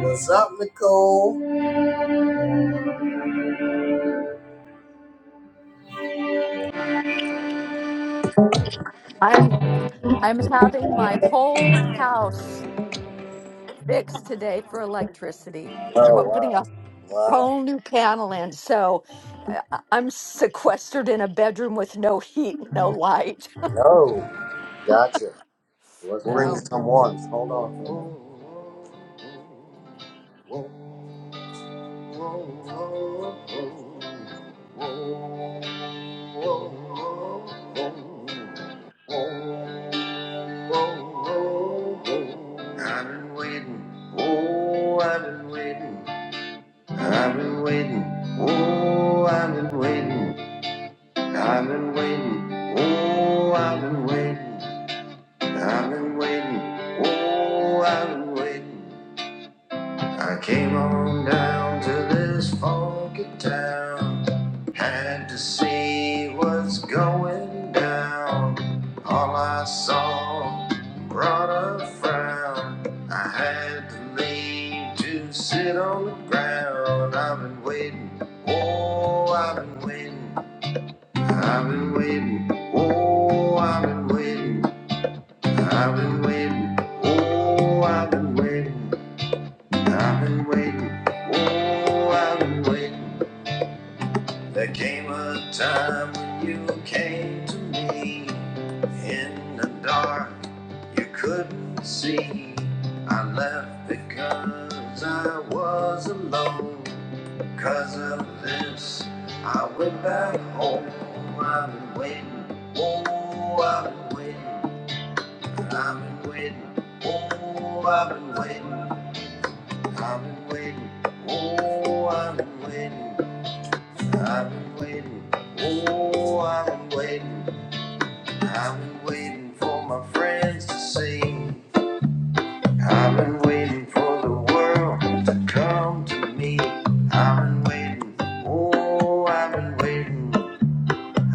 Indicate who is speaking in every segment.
Speaker 1: What's up, Nicole?
Speaker 2: I'm I'm having my whole house fixed today for electricity. They're
Speaker 1: Oh,
Speaker 2: ho- putting a
Speaker 1: wow. Wow.
Speaker 2: whole new panel in, so uh, I'm sequestered in a bedroom with no heat, and no light.
Speaker 1: No. Gotcha. Let's bring
Speaker 2: So
Speaker 1: some ones. Hold on. I've been waiting. Oh, I've been waiting. I've been waiting. Oh, I've been waiting. I've been waiting, oh, I've been waiting, I've been waiting, oh, I've been waiting. I came on down to this funky town, had to see what's going down. All I saw brought a frown. I had to leave to sit on the ground. I've been waiting, oh, I've been waiting. I've been waiting. Oh, I've been waiting. I've been waiting. Oh, I've been waiting. I've been waiting. Oh, I've been waiting. There came a time when you came to me in the dark. You couldn't see. I left because I was alone. Cause of this, I went back home. I've been waiting. Oh, I've been waiting. I've been waiting. Oh, I've been waiting. I've been waiting. Oh, I've been waiting. I've been waiting. Oh, I've been waiting. I've been waiting for my friends to see. I've been waiting for the world to come to me. I've been waiting. Oh, I've been waiting.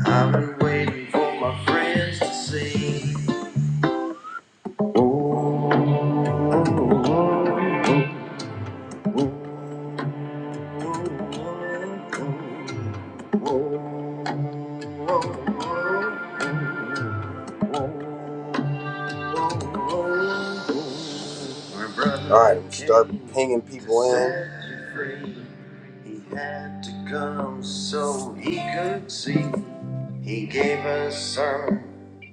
Speaker 1: I've been waiting for my friends to see. Oh, oh, oh, oh, oh, oh, oh, oh, oh, oh. All right, we start pinging people in. He had to come so he could see. He gave us some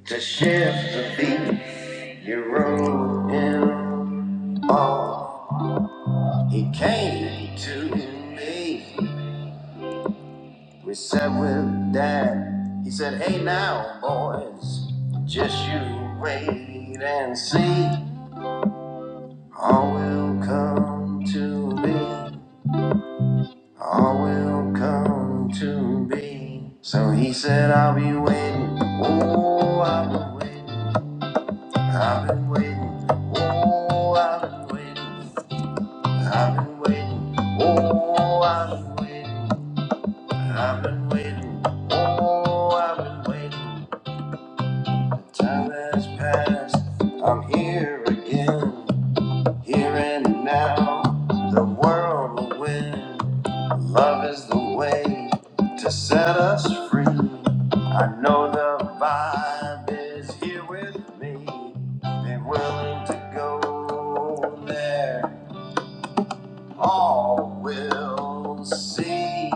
Speaker 1: to shift the beat. You wrote him off. He came to me. We sat with Dad. He said, Hey now, boys, just you wait and see. All will come to be. All will come to be. So he said, I'll be waiting. Oh, I've been waiting. I've been waiting. Oh, I've been waiting. I've been waiting. Oh, I've been waiting. I've been waiting. Oh, I've been waiting. Time has passed. I'm here again. Here and now, the world will win. Love is the way to set us free. I know the vibe is here with me. Be willing to go there. All will see.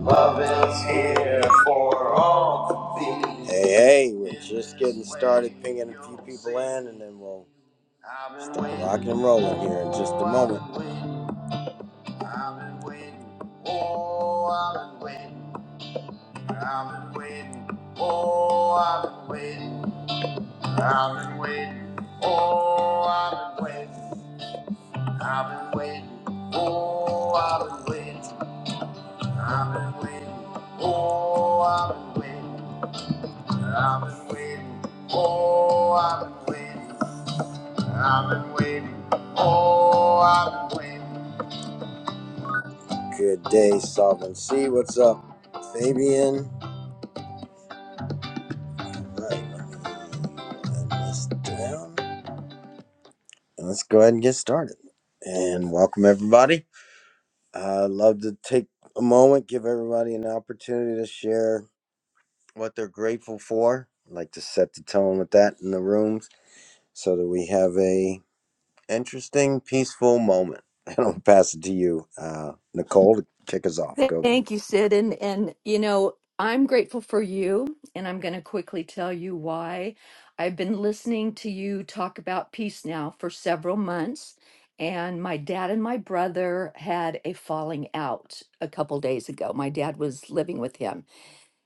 Speaker 1: Love is here for all to be. Hey, hey, we're just getting started pinging a few people in, and then we'll Start waiting. rock and rolling here in just a moment. Oh, I've been waiting. Oh, I've been waiting. I've been waiting. Oh, I've been waiting. I've been waiting. Oh, I've been waiting. I've been waiting. Oh, I've been waiting. I've been waiting. Oh, I've been waiting. I've been waiting. Oh, I've been waiting. I've been waiting. Oh, I've been waiting. Good day, Sovereign C. What's up, Fabian? All right, let me let this down. And let's go ahead and get started. And welcome, everybody. I'd love to take a moment, give everybody an opportunity to share what they're grateful for. I'd like to set the tone with that in the rooms so that we have a interesting, peaceful moment. And I'll pass it to you, uh, Nicole, to kick us off. Go for it.
Speaker 2: Thank you, Sid. And and you know, I'm grateful for you, and I'm going to quickly tell you why. I've been listening to you talk about peace now for several months, and my dad and my brother had a falling out a couple days ago. My dad was living with him,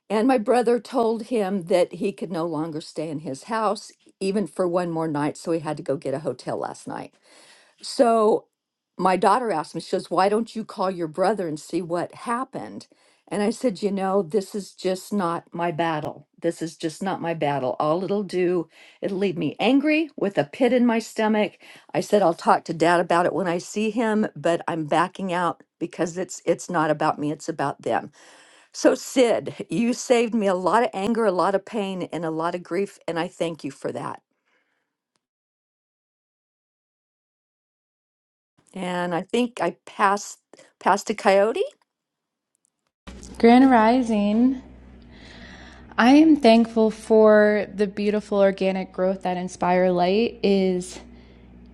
Speaker 2: and my brother told him that he could no longer stay in his house even for one more night, so he had to go get a hotel last night. So my daughter asked me, she goes, Why don't you call your brother and see what happened? And I said, You know, this is just not my battle. This is just not my battle. All it'll do, it'll leave me angry with a pit in my stomach. I said, I'll talk to dad about it when I see him, but I'm backing out because it's it's not about me, it's about them. So Sid, you saved me a lot of anger, a lot of pain, and a lot of grief, and I thank you for that. And I think I passed passed a coyote
Speaker 3: Grand Rising. I am thankful for the beautiful organic growth that Inspire Light is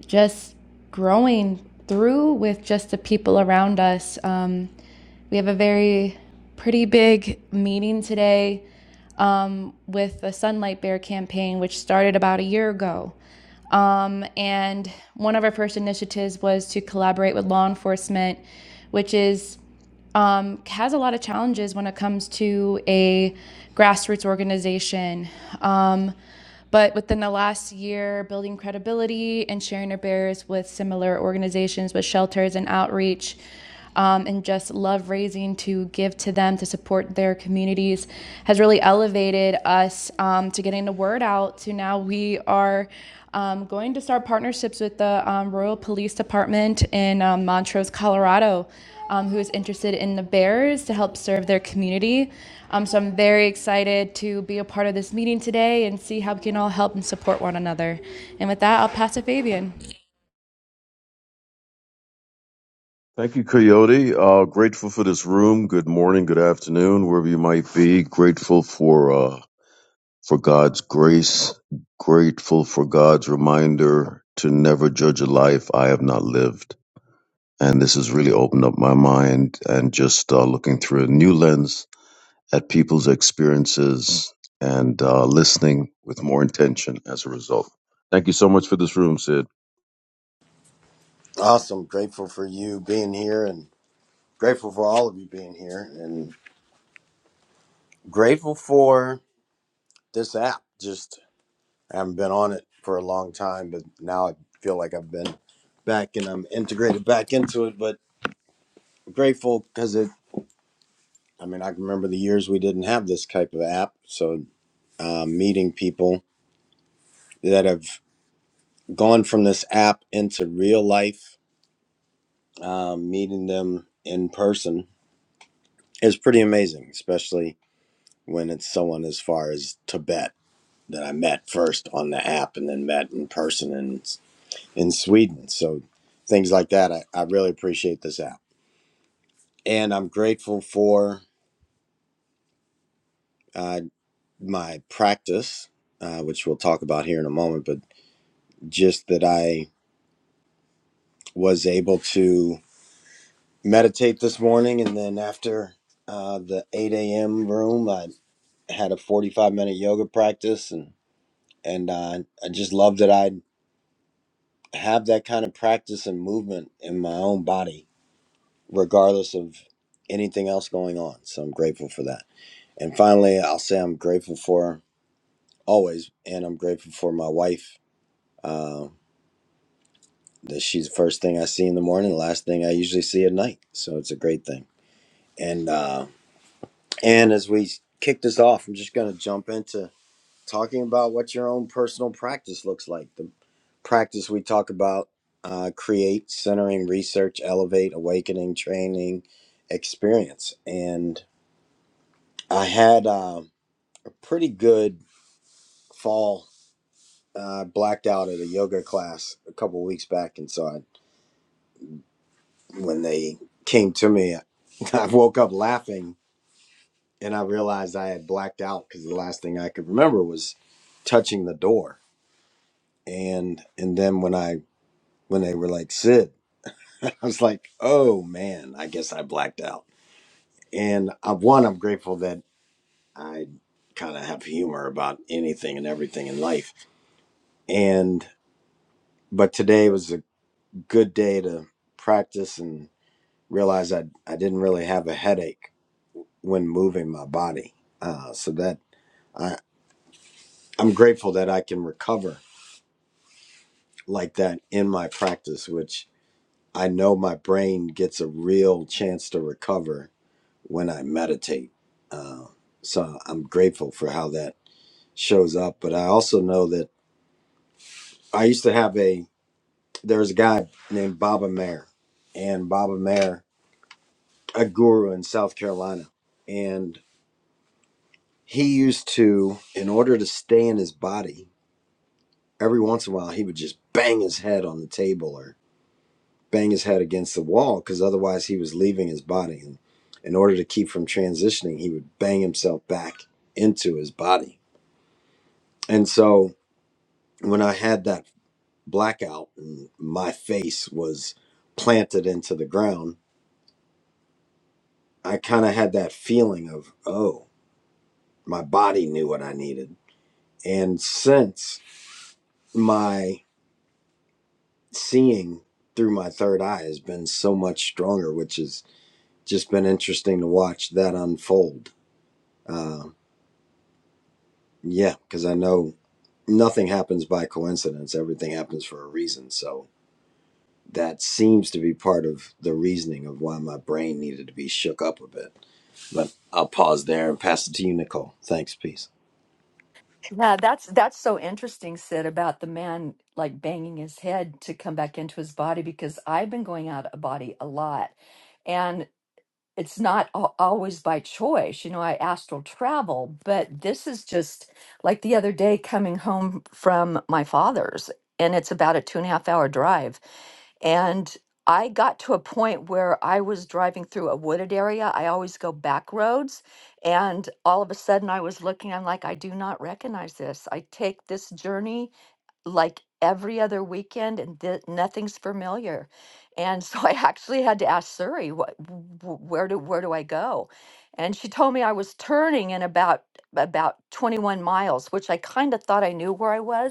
Speaker 3: just growing through with just the people around us. Um, we have a very pretty big meeting today um, with the Sunlight Bear campaign, which started about a year ago. Um, and one of our first initiatives was to collaborate with law enforcement, which is um, has a lot of challenges when it comes to a grassroots organization. Um, but within the last year, building credibility and sharing our bears with similar organizations, with shelters and outreach, um, and just love raising to give to them to support their communities has really elevated us um, to getting the word out. To now we are um, going to start partnerships with the um, Royal Police Department in um, Montrose, Colorado um, who is interested in the bears to help serve their community. Um, so I'm very excited to be a part of this meeting today and see how we can all help and support one another. And with that, I'll pass to Fabian.
Speaker 4: Thank you, Coyote. Uh, grateful for this room. Good morning, good afternoon, wherever you might be. Grateful for uh, for God's grace. Grateful for God's reminder to never judge a life I have not lived. And this has really opened up my mind and just uh, looking through a new lens at people's experiences and uh, listening with more intention as a result. Thank you so much for this room, Sid.
Speaker 1: Awesome. Grateful for you being here and grateful for all of you being here and grateful for this app. Just I haven't been on it for a long time, but now I feel like I've been back and I'm integrated back into it. But grateful because it, I mean, I can remember the years we didn't have this type of app. So um, meeting people that have gone from this app into real life, um, meeting them in person is pretty amazing, especially when it's someone as far as Tibet. that I met first on the app and then met in person in in Sweden. So things like that. I, I really appreciate this app, and I'm grateful for uh, my practice, uh, which we'll talk about here in a moment. But just that I was able to meditate this morning, and then after uh, the 8 a.m. room, I had a 45 minute yoga practice, and and uh, I just love that I have that kind of practice and movement in my own body regardless of anything else going on. So I'm grateful for that. And finally, I'll say I'm grateful for always, and I'm grateful for my wife. Uh, that she's the first thing I see in the morning, the last thing I usually see at night. So it's a great thing. And uh, and as we kick this off, I'm just gonna jump into talking about what your own personal practice looks like. The practice we talk about. Uh, create centering research elevate awakening training experience and. I had uh, a pretty good fall. Uh, I blacked out at a yoga class a couple weeks back, and so I, when they came to me, I woke up laughing, and I realized I had blacked out because the last thing I could remember was touching the door. And and then when I when they were like Sid, I was like, oh man, I guess I blacked out. And I, one, I'm grateful that I kind of have humor about anything and everything in life, and but today was good day to practice and realize I, I didn't really have a headache when moving my body. Uh, so that I, I'm grateful that I can recover like that in my practice, which I know my brain gets a real chance to recover when I meditate. Uh, so I'm grateful for how that shows up. But I also know that I used to have a, there was a guy named Baba Mayer and Baba Mayer, a guru in South Carolina. and He used to, in order to stay in his body, every once in a while he would just bang his head on the table or bang his head against the wall because otherwise he was leaving his body. And in order to keep from transitioning, he would bang himself back into his body. And so when I had that blackout and my face was planted into the ground, I kind of had that feeling of, oh, my body knew what I needed. And since my seeing through my third eye has been so much stronger, which has just been interesting to watch that unfold. Yeah, because I know nothing happens by coincidence, everything happens for a reason. So that seems to be part of the reasoning of why my brain needed to be shook up a bit. But I'll pause there and pass it to you, Nicole. Thanks, peace.
Speaker 2: Yeah, that's that's so interesting, Sid, about the man like banging his head to come back into his body because I've been going out of body a lot. it's not al- always by choice. You know, I astral travel, but this is just like the other day coming home from my father's, and it's about a two and a half hour drive. And I got to a point where I was driving through a wooded area. I always go back roads. And all of a sudden, I was looking, I'm like, I do not recognize this. I take this journey like every other weekend and th- nothing's familiar and so i actually had to ask suri what wh- where do where do i go and she told me i was turning in about about 21 miles which i kind of thought i knew where i was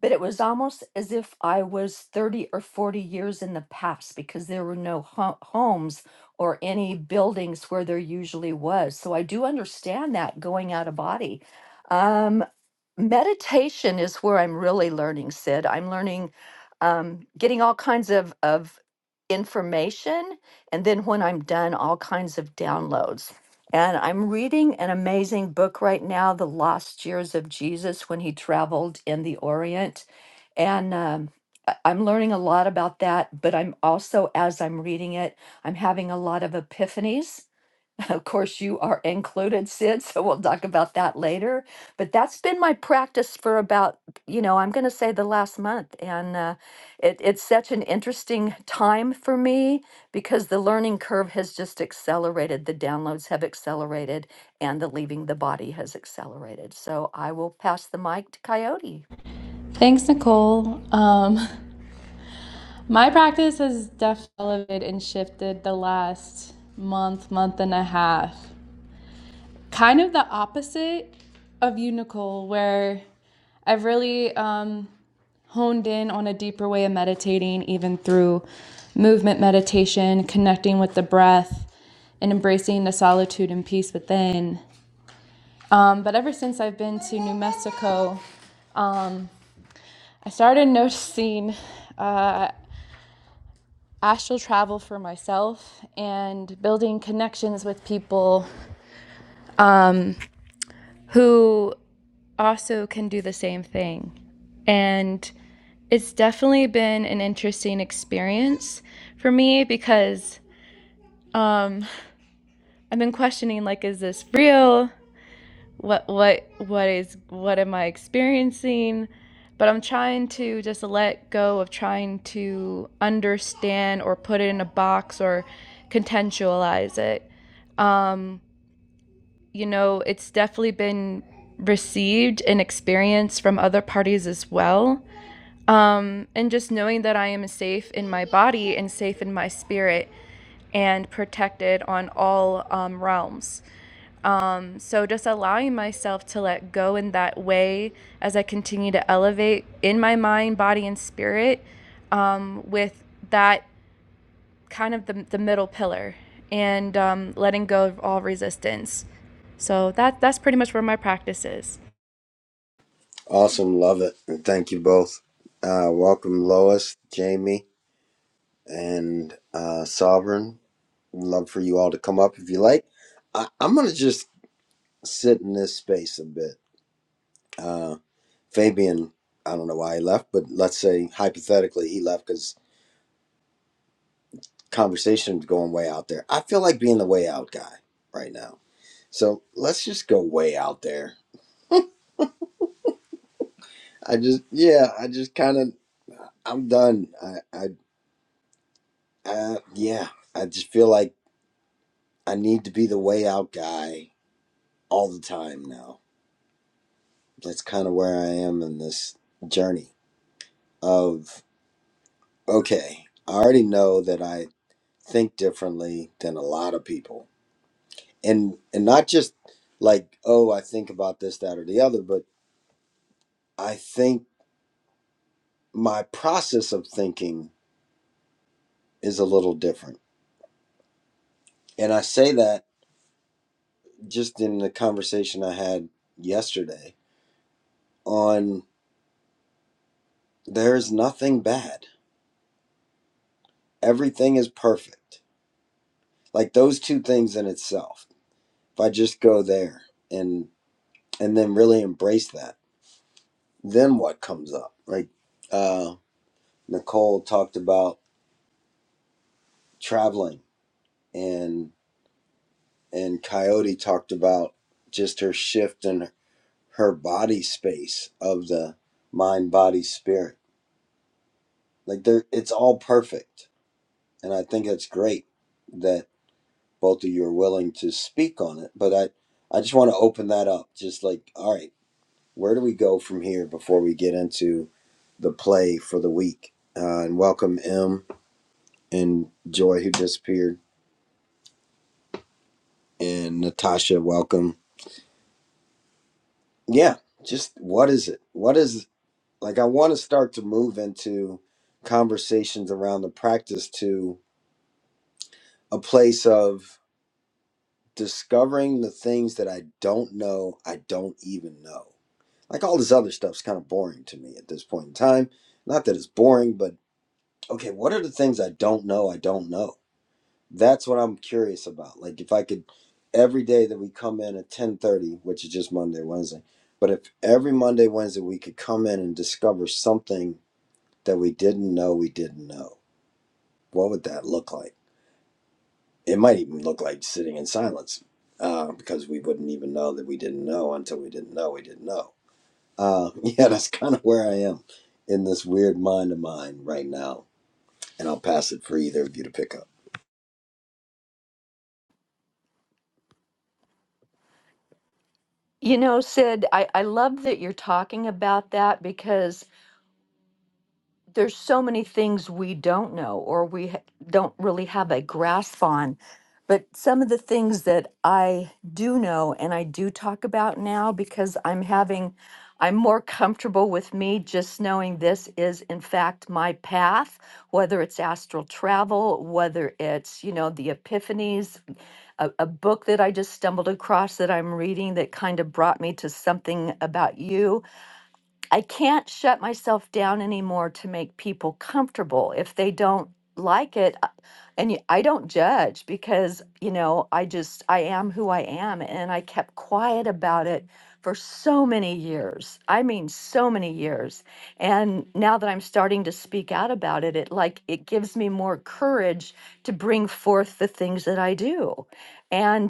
Speaker 2: but it was almost as if I was 30 or 40 years in the past because there were no ho- homes or any buildings where there usually was. So I do understand that going out of body. Um, meditation is where I'm really learning, Sid. I'm learning, um, getting all kinds of, of information. And then when I'm done, all kinds of downloads. And I'm reading an amazing book right now, The Lost Years of Jesus when he traveled in the Orient. And um, I- I'm learning a lot about that, but I'm also, as I'm reading it, I'm having a lot of epiphanies of course, you are included, Sid, so we'll talk about that later. But that's been my practice for about, you know, I'm going to say the last month. And uh, it, it's such an interesting time for me because the learning curve has just accelerated. The downloads have accelerated and the leaving the body has accelerated. So I will pass the mic to Coyote.
Speaker 3: Thanks, Nicole. Um, My practice has definitely elevated and shifted the last month, month and a half. Kind of the opposite of you, Nicole, where I've really um, honed in on a deeper way of meditating, even through movement meditation, connecting with the breath, and embracing the solitude and peace within. Um, but ever since I've been to New Mexico, um, I started noticing uh, astral travel for myself and building connections with people um, who also can do the same thing. And it's definitely been an interesting experience for me because Um, I've been questioning like, is this real? What what what is what am I experiencing? But I'm trying to just let go of trying to understand or put it in a box or contextualize it. Um, you know, it's definitely been received and experienced from other parties as well. Um, and just knowing that I am safe in my body and safe in my spirit and protected on all um, realms. Um, so just allowing myself to let go in that way as I continue to elevate in my mind, body, and spirit um, with that kind of the, the middle pillar and um, letting go of all resistance. So that that's pretty much where my practice is.
Speaker 1: Awesome, love it. And thank you both. Uh, welcome, Lois, Jamie, and uh, Sovereign. I'd love for you all to come up if you like. I, I'm gonna just sit in this space a bit. Uh, Fabian, I don't know why he left, but let's say hypothetically he left because conversation's going way out there. I feel like being the way out guy right now, so let's just go way out there. I just, yeah, I just kind of, I'm done. I, I, uh, yeah, I just feel like I need to be the way out guy all the time now. That's kind of where I am in this journey of okay, I already know that I think differently than a lot of people. And and not just like, oh, I think about this, that, or the other, but I think my process of thinking is a little different. And I say that just in the conversation I had yesterday on there is nothing bad. Everything is perfect. Like those two things in itself. If I just go there and and then really embrace that, then what comes up? Like uh Nicole talked about traveling and and Coyote talked about just her shift in her body space of the mind body spirit like there it's all perfect and I think it's great that both of you are willing to speak on it but I I just want to open that up just like all right where do we go from here before we get into the play for the week uh, and welcome M and Joy who disappeared and Natasha welcome yeah just what is it what is like i want to start to move into conversations around the practice to a place of discovering the things that i don't know i don't even know like all this other stuff's kind of boring to me at this point in time not that it's boring but okay what are the things i don't know i don't know That's what I'm curious about. Like if I could every day that we come in at 10:30, which is just Monday, Wednesday, but if every Monday, Wednesday we could come in and discover something that we didn't know we didn't know, what would that look like? It might even look like sitting in silence, uh, because we wouldn't even know that we didn't know until we didn't know we didn't know. Uh, yeah, that's kind of where I am in this weird mind of mine right now, and I'll pass it for either of you to pick up.
Speaker 2: You know, Sid, I, I love that you're talking about that because there's so many things we don't know or we ha- don't really have a grasp on. But some of the things that I do know and I do talk about now because I'm having, I'm more comfortable with me just knowing this is in fact my path, whether it's astral travel, whether it's, you know, the epiphanies, a, a book that I just stumbled across that I'm reading that kind of brought me to something about you I can't shut myself down anymore to make people comfortable. If they don't like it, uh, and y- I don't judge because, you know, I just, I am who I am. And I kept quiet about it for so many years. I mean, so many years. And now that I'm starting to speak out about it, it like, it gives me more courage to bring forth the things that I do. And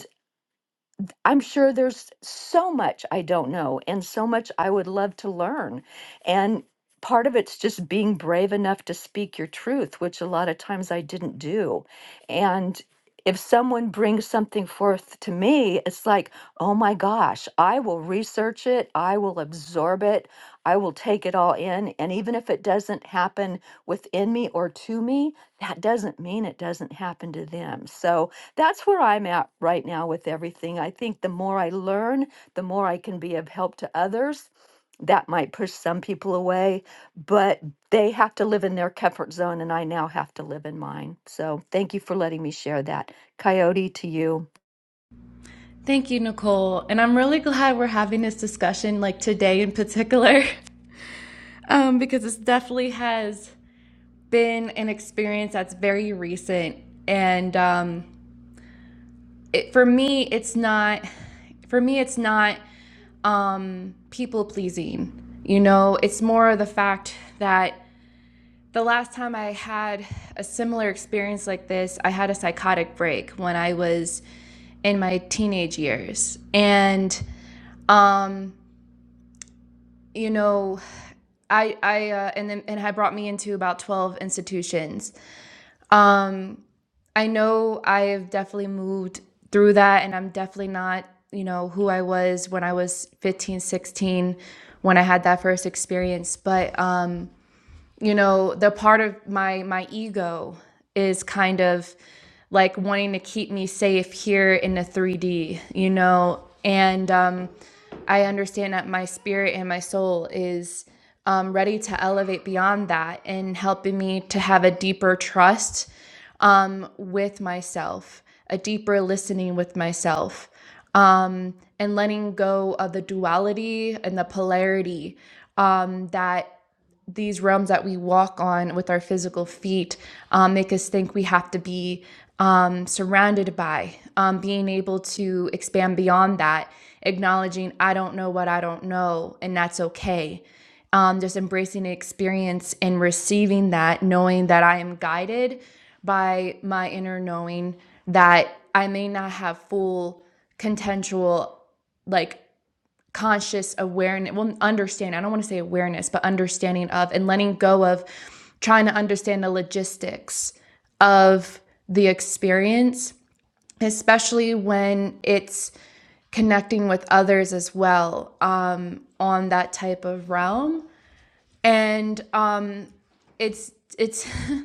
Speaker 2: I'm sure there's so much I don't know and so much I would love to learn. And part of it's just being brave enough to speak your truth, which a lot of times I didn't do. And if someone brings something forth to me, it's like, oh my gosh, I will research it, I will absorb it, I will take it all in. And even if it doesn't happen within me or to me, that doesn't mean it doesn't happen to them. So, that's where I'm at right now with everything. I think the more I learn, the more I can be of help to others. That might push some people away, but they have to live in their comfort zone, and I now have to live in mine. So thank you for letting me share that. Coyote to you.
Speaker 3: Thank you, Nicole. And I'm really glad we're having this discussion like today in particular, um, because this definitely has been an experience that's very recent. And um, it, for me it's not for me it's not um people pleasing you know it's more of the fact that the last time i had a similar experience like this i had a psychotic break when i was in my teenage years and um you know i i uh, and then and had brought me into about 12 institutions um I know I've definitely moved through that and I'm definitely not, you know, who I was when I was 15, 16 when I had that first experience, but um you know the part of my my ego is kind of like wanting to keep me safe here in the 3d you know and um i understand that my spirit and my soul is um, ready to elevate beyond that and helping me to have a deeper trust um, with myself a deeper listening with myself um, and letting go of the duality and the polarity um, that these realms that we walk on with our physical feet um, make us think we have to be um, surrounded by, um, being able to expand beyond that, acknowledging, I don't know what I don't know, and that's okay. Um, just embracing the experience and receiving that, knowing that I am guided by my inner knowing that I may not have full contentual like conscious awareness, well, understanding. I don't want to say awareness, but understanding of and letting go of trying to understand the logistics of the experience, especially when it's connecting with others as well um, on that type of realm. And um, it's, it's,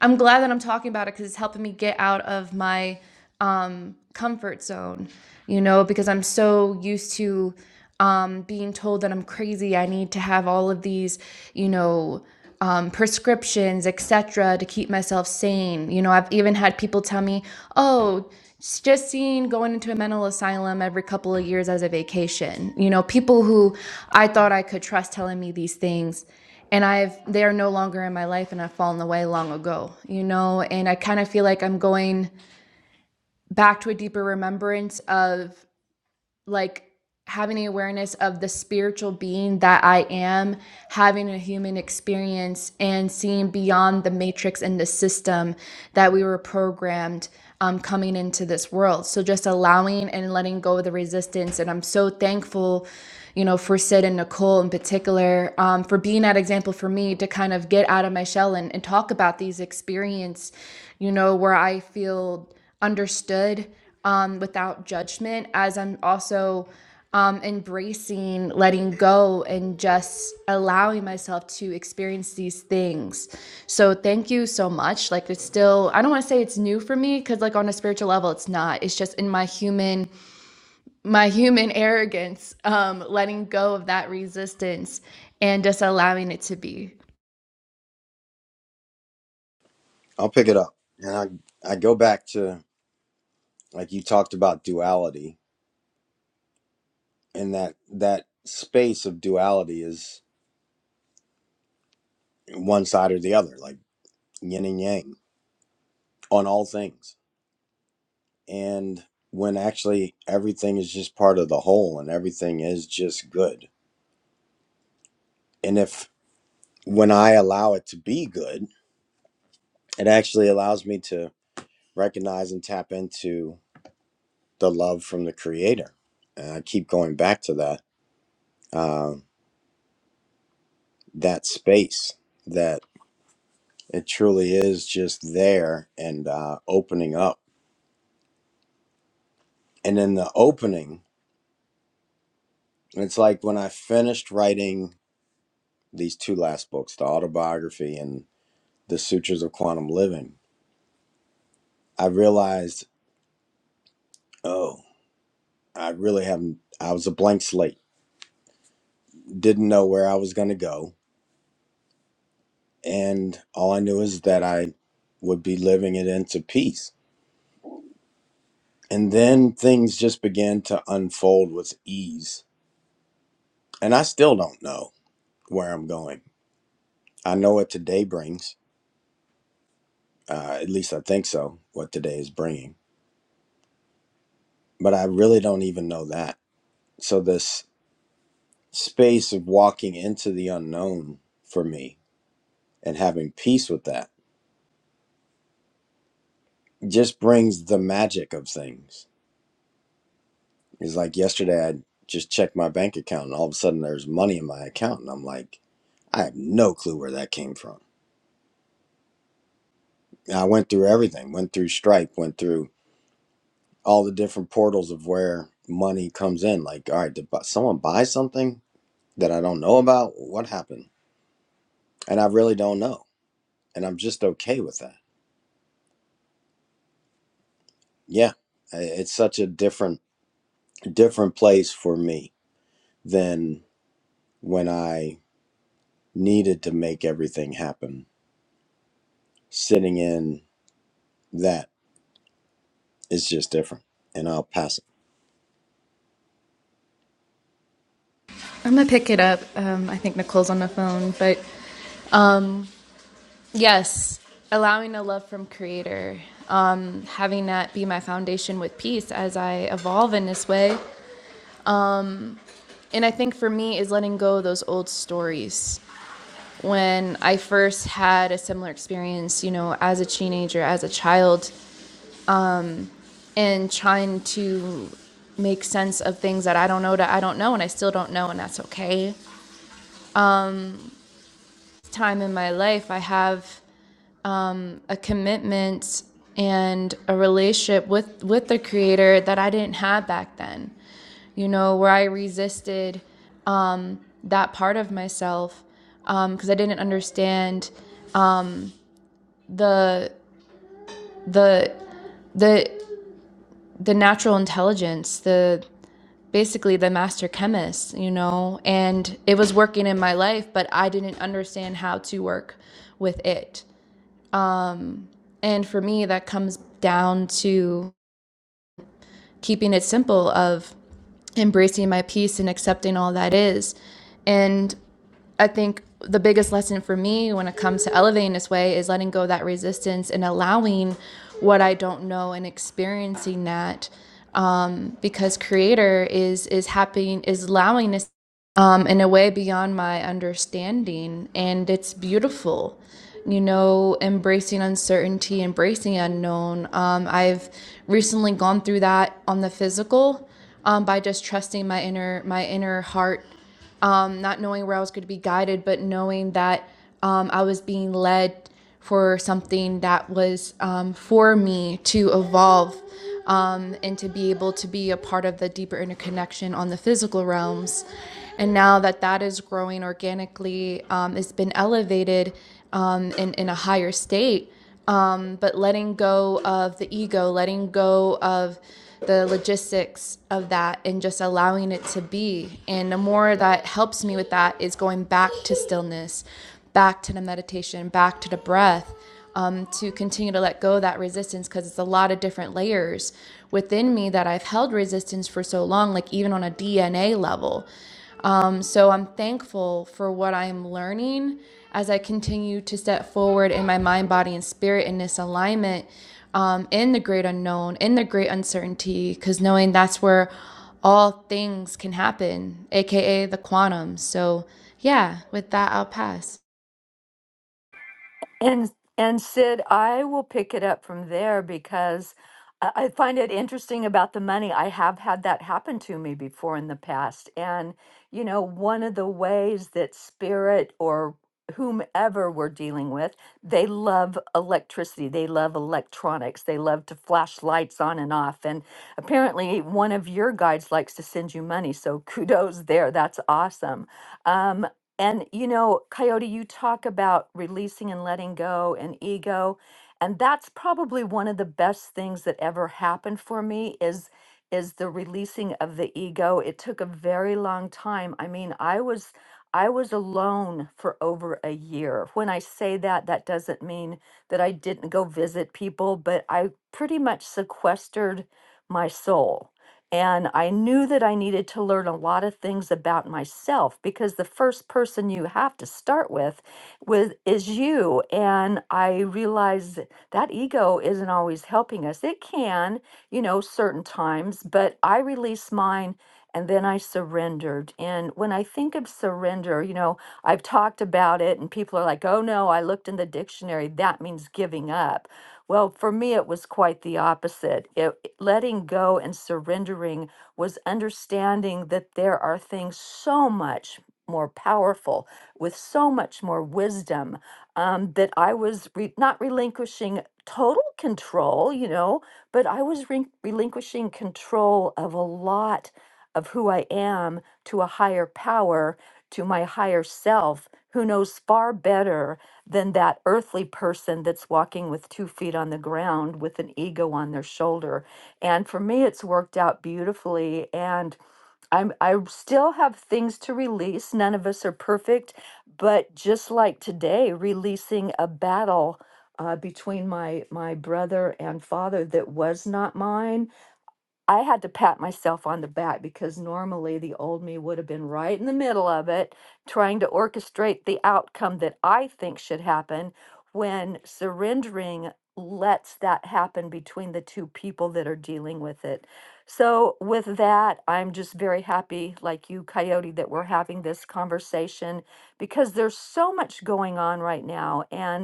Speaker 3: I'm glad that I'm talking about it because it's helping me get out of my um, comfort zone, you know, because I'm so used to um, being told that I'm crazy. I need to have all of these, you know, um, prescriptions, etc., to keep myself sane. You know, I've even had people tell me, "Oh, it's just seeing going into a mental asylum every couple of years as a vacation." You know, people who I thought I could trust telling me these things, and I've they are no longer in my life and I've fallen away long ago, you know, and I kind of feel like I'm going back to a deeper remembrance of like having the awareness of the spiritual being that I am, having a human experience, and seeing beyond the matrix and the system that we were programmed um, coming into this world. So just allowing and letting go of the resistance. And I'm so thankful. You know, for Sid and Nicole in particular, um, for being that example for me to kind of get out of my shell and, and talk about these experiences, you know, where I feel understood um, without judgment, as I'm also um, embracing letting go and just allowing myself to experience these things. So, thank you so much. Like, it's still, I don't want to say it's new for me because, like, on a spiritual level, it's not. It's just in my human, my human arrogance, um, letting go of that resistance and just allowing it to be.
Speaker 1: I'll pick it up, and I I go back to like you talked about duality and that that space of duality is one side or the other like yin and yang on all things and when actually everything is just part of the whole and everything is just good and if when i allow it to be good it actually allows me to recognize and tap into the love from the creator and i keep going back to that um, that space that. It truly is just there and uh, opening up. And in the opening, it's like when I finished writing these two last books, the autobiography and the Sutures of Quantum Living, I realized, oh, I really haven't, I was a blank slate, didn't know where I was going to go. And all I knew is that I would be living it into peace. And then things just began to unfold with ease. And I still don't know where I'm going. I know what today brings Uh, at least I think so, what today is bringing. But I really don't even know that. So, this space of walking into the unknown for me and having peace with that just brings the magic of things. It's like yesterday, I just checked my bank account and all of a sudden there's money in my account. And I'm like, I have no clue where that came from. And I went through everything, went through Stripe, went through all the different portals of where money comes in. Like, all right, did bu- someone buy something that I don't know about? What happened? and I really don't know, and I'm just okay with that. Yeah, it's such a different different place for me than when I needed to make everything happen. Sitting in that is just different, and I'll pass it.
Speaker 3: I'm gonna pick it up. Um, I think Nicole's on the phone, but. um. Yes, allowing a love from Creator, um, having that be my foundation with peace as I evolve in this way. Um, and I think for me is letting go of those old stories. When I first had a similar experience, you know, as a teenager, as a child, and trying to make sense of things that I don't know that I don't know and I still don't know, and that's okay. Time in my life, I have a commitment and a relationship with with the creator that I didn't have back then. You know, where I resisted um, that part of myself because um, I didn't understand the the the the natural intelligence, the basically the master chemist, you know, and it was working in my life, but I didn't understand how to work with it. And for me, that comes down to keeping it simple. Of embracing my peace and accepting all that is. And I think the biggest lesson for me when it comes to elevating this way is letting go of that resistance and allowing what I don't know and experiencing that um, because creator is is happening is allowing us um, in a way beyond my understanding and it's beautiful you know embracing uncertainty embracing unknown um, i've recently gone through that on the physical um, by just trusting my inner my inner heart um, not knowing where I was going to be guided, but knowing that um, I was being led for something that was um, for me to evolve um, and to be able to be a part of the deeper interconnection on the physical realms. And now that that is growing organically, um, it's been elevated um, in, in a higher state um, but letting go of the ego, letting go of the logistics of that, and just allowing it to be. And the more that helps me with that is going back to stillness, back to the meditation, back to the breath. Um, to continue to let go of that resistance because it's a lot of different layers within me that I've held resistance for so long, like even on a DNA level. Um, so I'm thankful for what I'm learning as I continue to step forward in my mind, body, and spirit in this alignment um, in the great unknown, in the great uncertainty, because knowing that's where all things can happen, aka the quantum. So, yeah, with that, I'll pass.
Speaker 2: And and Sid, I will pick it up from there because I I find it interesting about the money. I have had that happen to me before in the past. And, you know, one of the ways that spirit or whomever we're dealing with, they love electricity, they love electronics, they love to flash lights on and off. And apparently, one of your guides likes to send you money. So kudos there. That's awesome. Um, and you know, Coyote, you talk about releasing and letting go and ego, and that's probably one of the best things that ever happened for me is is the releasing of the ego. It took a very long time. I mean, I was I was alone for over a year. When I say that, that doesn't mean that I didn't go visit people, but I pretty much sequestered my soul and I knew that I needed to learn a lot of things about myself because the first person you have to start with, with is you. And I realized that that ego isn't always helping us. It can, you know, certain times, but I released mine and then I surrendered. And when I think of surrender, you know, I've talked about it and people are like, oh no, I looked in the dictionary. That means giving up. Well, for me, it was quite the opposite. It letting go and surrendering was understanding that there are things so much more powerful with so much more wisdom um, that I was re- not relinquishing total control, you know, but I was re- relinquishing control of a lot of who I am to a higher power, to my higher self, who knows far better than that earthly person that's walking with two feet on the ground with an ego on their shoulder and for me it's worked out beautifully and i'm i still have things to release none of us are perfect but just like today releasing a battle uh, between my my brother and father that was not mine I had to pat myself on the back because normally the old me would have been right in the middle of it, trying to orchestrate the outcome that I think should happen when surrendering lets that happen between the two people that are dealing with it. So, with that, I'm just very happy, like you, Coyote, that we're having this conversation because there's so much going on right now. and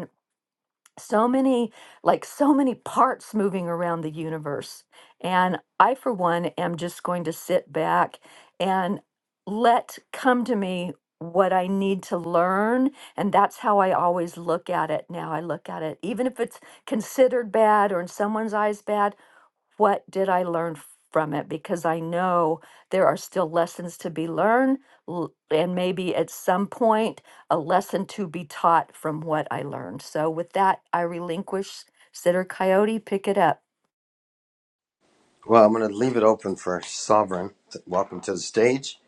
Speaker 2: so many like so many parts moving around the universe and i for one am just going to sit back and let come to me what i need to learn and that's how i always look at it now i look at it even if it's considered bad or in someone's eyes bad what did I learn from it? Because I know there are still lessons to be learned, l- and maybe at some point, a lesson to be taught from what I learned. So, with that, I relinquish Sitter Coyote, pick it up.
Speaker 1: Well, I'm gonna leave it open for Sovereign. Welcome to the stage,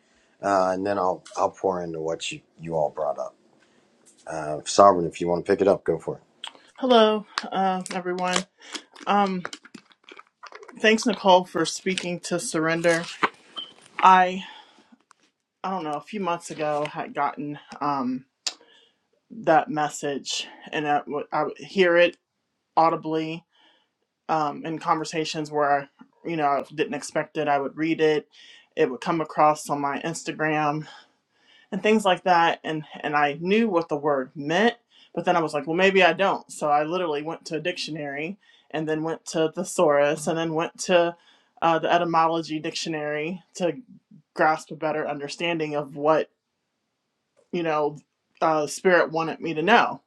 Speaker 1: uh, and then I'll I'll pour into what you you all brought up. Uh, Sovereign, if you want to pick it up, go for it.
Speaker 5: Hello, uh, everyone. Um, thanks, Nicole, for speaking to Surrender. I, I don't know, a few months ago had gotten um, that message, and I would I would hear it audibly um, in conversations where, you know, I didn't expect it. I would read it. It would come across on my Instagram, and things like that and and I knew what the word meant but then I was like well maybe I don't so I literally went to a dictionary and then went to thesaurus and then went to uh, the etymology dictionary to grasp a better understanding of what you know uh, spirit wanted me to know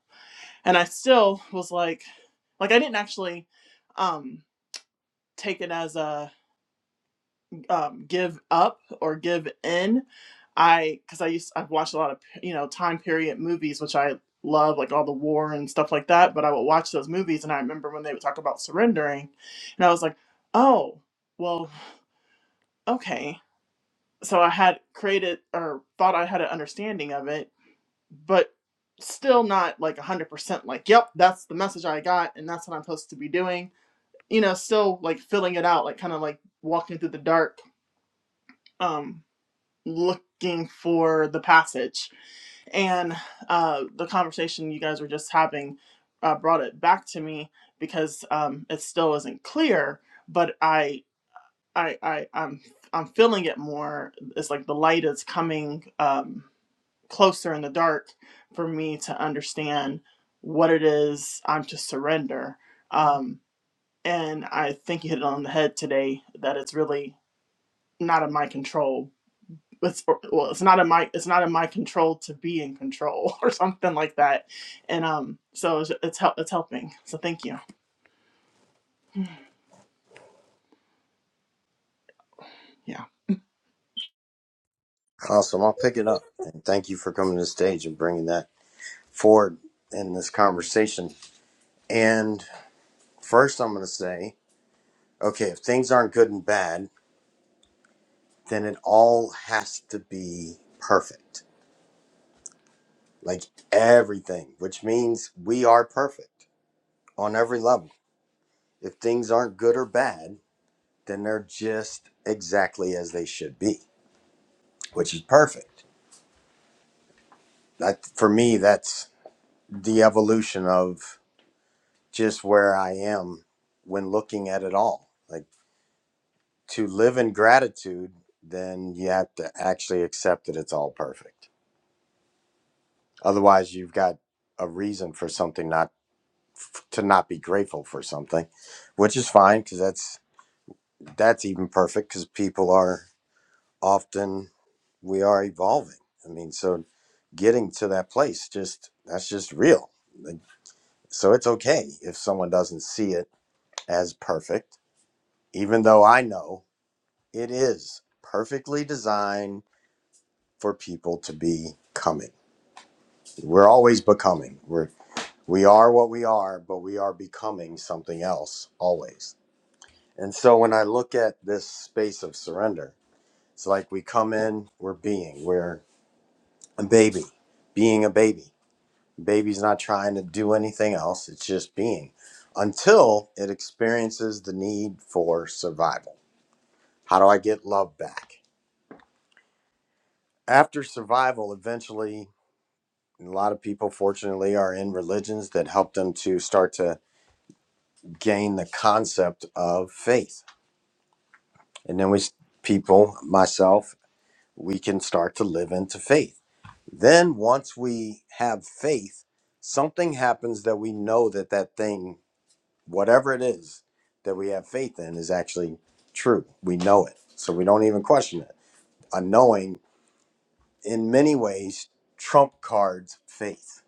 Speaker 5: and I still was like like I didn't actually um take it as a um, give up or give in. I because I used I've watched a lot of you know time period movies which I love like all the war and stuff like that. But I would watch those movies and I remember when they would talk about surrendering, and I was like, oh well, okay. So I had created or thought I had an understanding of it, but still not like 100% like yep that's the message i got and that's what i'm supposed to be doing you know still like filling it out like kind of like walking through the dark um, looking for the passage. And uh, the conversation you guys were just having uh, brought it back to me because um, it still isn't clear, but I, I, I, I'm, I'm feeling it more. It's like the light is coming um, closer in the dark for me to understand what it is I'm to surrender. Um, and I think you hit it on the head today that it's really not in my control it's, well it's not in my it's not in my control to be in control or something like that and um so it's it's, help, it's helping so thank you yeah
Speaker 1: Awesome, I'll pick it up, and thank you for coming to the stage and bringing that forward in this conversation And first, I'm going to say, okay, if things aren't good and bad, then it all has to be perfect. Like everything, which means we are perfect on every level. If things aren't good or bad, then they're just exactly as they should be, which is perfect. That for me, that's the evolution of just where I am when looking at it all. Like to live in gratitude, then you have to actually accept that it's all perfect Otherwise, you've got a reason for something not to not be grateful for something, which is fine because that's that's even perfect because people are often we are evolving. I mean, so getting to that place just that's just real. Like, So it's okay if someone doesn't see it as perfect, even though I know it is perfectly designed for people to be coming. We're always becoming. We're. We are what we are, but we are becoming something else always. And so when I look at this space of surrender, it's like we come in, we're being, we're a baby, being a baby. Baby's not trying to do anything else, it's just being until it experiences the need for survival. How do I get love back? After survival, eventually, a lot of people, fortunately, are in religions that help them to start to gain the concept of faith And then we, s- people, myself, we can start to live into faith. Then once we have faith, something happens that we know that that thing, whatever it is that we have faith in, is actually true. We know it. So we don't even question it. A knowing, in many ways, trump cards faith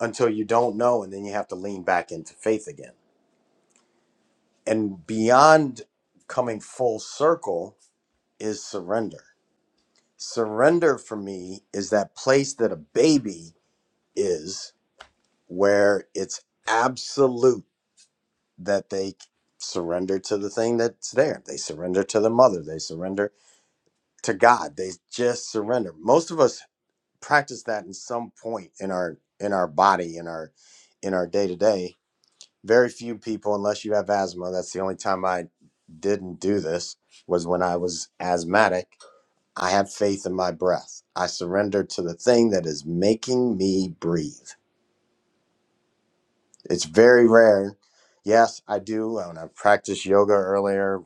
Speaker 1: until you don't know. And then you have to lean back into faith again. And beyond coming full circle is surrender Surrender for me is that place that a baby is where it's absolute that they surrender to the thing that's there. They surrender to the mother, they surrender to God. They just surrender. Most of us practice that in some point in our in our body, in our in our day-to-day. Very few people unless you have asthma, that's the only time I didn't do this was when I was asthmatic I have faith in my breath. I surrender to the thing that is making me breathe. It's very rare. Yes, I do. When I practiced yoga earlier,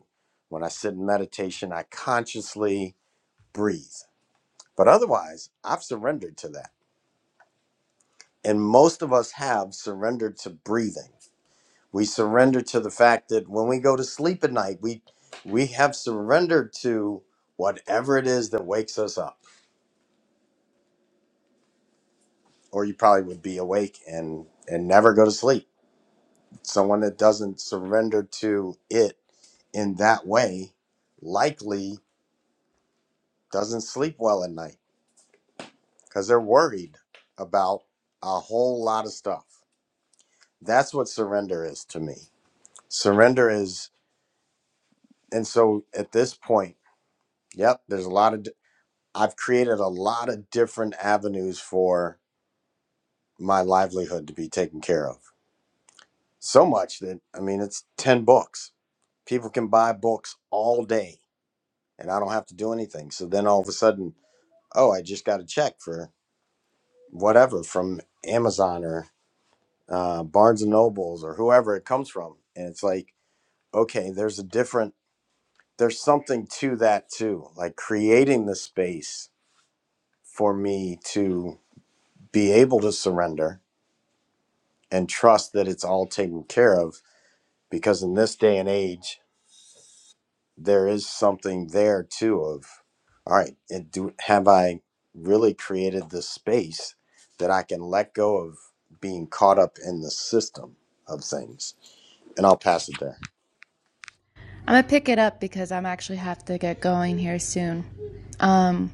Speaker 1: when I sit in meditation, I consciously breathe. But otherwise, I've surrendered to that. And most of us have surrendered to breathing. We surrender to the fact that when we go to sleep at night, we we have surrendered to whatever it is that wakes us up. Or you probably would be awake and and never go to sleep someone that doesn't surrender to it in that way likely doesn't sleep well at night because they're worried about a whole lot of stuff. That's what surrender is to me. Surrender is, and so at this point, yep, there's a lot of, di- I've created a lot of different avenues for my livelihood to be taken care of. So much that, I mean, it's 10 books. People can buy books all day and I don't have to do anything. So then all of a sudden, oh, I just got a check for whatever from Amazon or uh, Barnes and Nobles or whoever it comes from. And it's like, okay, there's a different, there's something to that too. Like creating the space for me to be able to surrender and trust that it's all taken care of. Because in this day and age, there is something there too of all right and do have i really created this space that i can let go of being caught up in the system of things and i'll pass it there
Speaker 3: I'm gonna pick it up because I'm actually have to get going here soon. Um,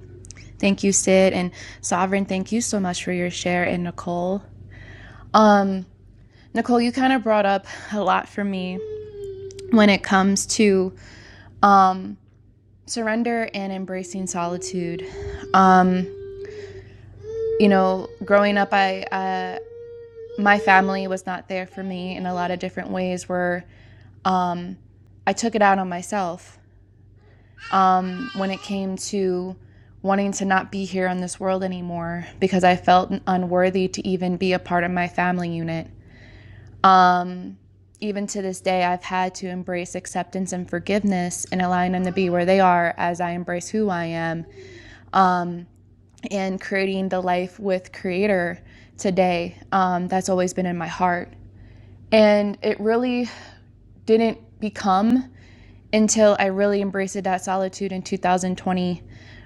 Speaker 3: thank you, Sid and Sovereign. Thank you so much for your share, and Nicole. Um, Nicole, you kind of brought up a lot for me when it comes to um, surrender and embracing solitude. Um, You know, growing up, I uh, my family was not there for me in a lot of different ways. Where um, I took it out on myself um, when it came to wanting to not be here on this world anymore because I felt unworthy to even be a part of my family unit. Um, even to this day, I've had to embrace acceptance and forgiveness and allowing them to be where they are as I embrace who I am and creating the life with Creator today um, that's always been in my heart. and it really didn't become until I really embraced that solitude in 2020,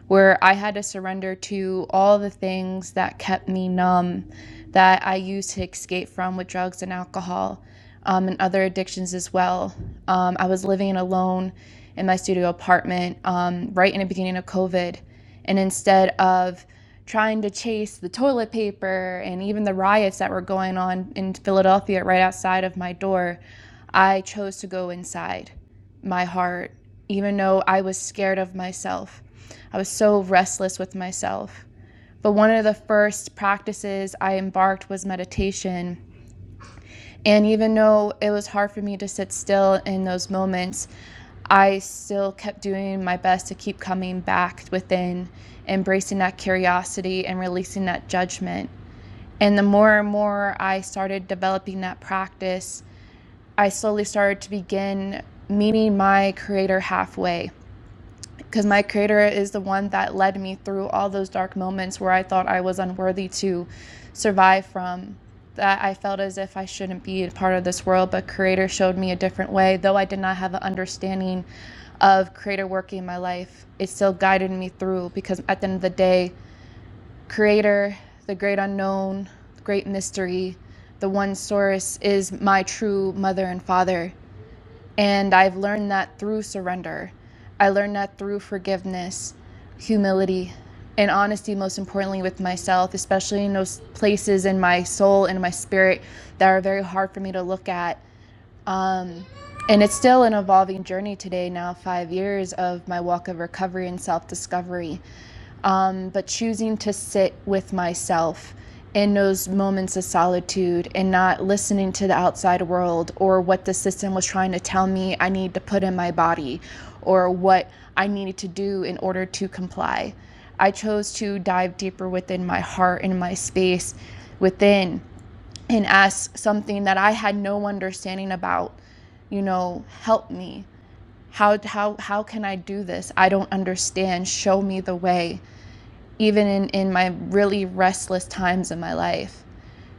Speaker 3: where I had to surrender to all the things that kept me numb, that I used to escape from with drugs and alcohol um, and other addictions as well. Um, I was living alone in my studio apartment um, right in the beginning of COVID. And instead of trying to chase the toilet paper and even the riots that were going on in Philadelphia right outside of my door, I chose to go inside my heart, even though I was scared of myself. I was so restless with myself. But one of the first practices I embarked was meditation. And even though it was hard for me to sit still in those moments, I still kept doing my best to keep coming back within, embracing that curiosity and releasing that judgment. And the more and more I started developing that practice, I slowly started to begin meeting my creator halfway because my creator is the one that led me through all those dark moments where I thought I was unworthy to survive from. That I felt as if I shouldn't be a part of this world, but Creator showed me a different way. Though I did not have an understanding of Creator working in my life, it still guided me through because at the end of the day, Creator, the great unknown, the great mystery, the one source is my true mother and father and I've learned that through surrender. I learned that through forgiveness, humility, and honesty, most importantly, with myself, especially in those places in my soul and my spirit that are very hard for me to look at. Um, and it's still an evolving journey today, now five years of my walk of recovery and self discovery um, but choosing to sit with myself in those moments of solitude and not listening to the outside world or what the system was trying to tell me I need to put in my body or what I needed to do in order to comply. I chose to dive deeper within my heart and my space within and ask something that I had no understanding about, you know, help me. How, how, how can I do this? I don't understand. Show me the way even in, in my really restless times in my life.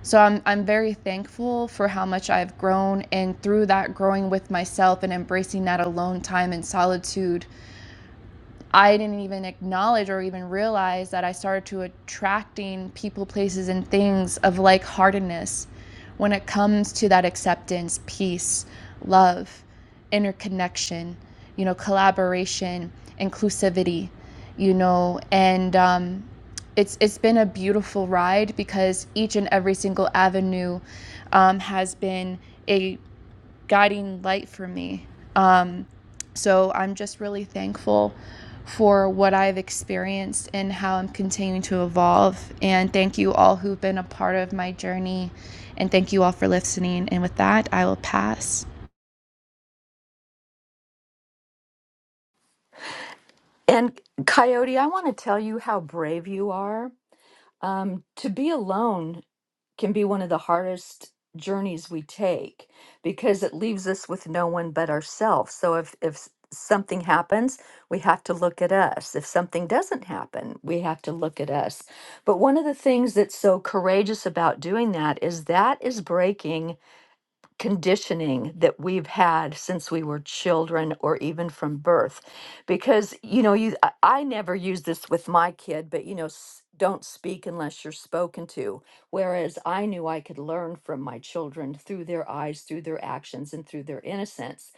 Speaker 3: So I'm, I'm very thankful for how much I've grown, and through that growing with myself and embracing that alone time and solitude I didn't even acknowledge or even realize that I started to attracting people, places, and things of like heartedness when it comes to that acceptance, peace, love, interconnection, you know, collaboration, inclusivity, you know, and um, it's it's been a beautiful ride because each and every single avenue um, has been a guiding light for me. Um, so I'm just really thankful for what I've experienced and how I'm continuing to evolve. And thank you all who've been a part of my journey. And thank you all for listening. And with that, I will pass.
Speaker 2: And Coyote, I want to tell you how brave you are. Um, to be alone can be one of the hardest journeys we take because it leaves us with no one but ourselves. So if if s- something happens, we have to look at us. If something doesn't happen, we have to look at us. But one of the things that's so courageous about doing that is that is breaking conditioning that we've had since we were children or even from birth because you know you i I never use this with my kid but you know s- don't speak unless you're spoken to whereas i knew i could learn from my children through their eyes through their actions and through their innocence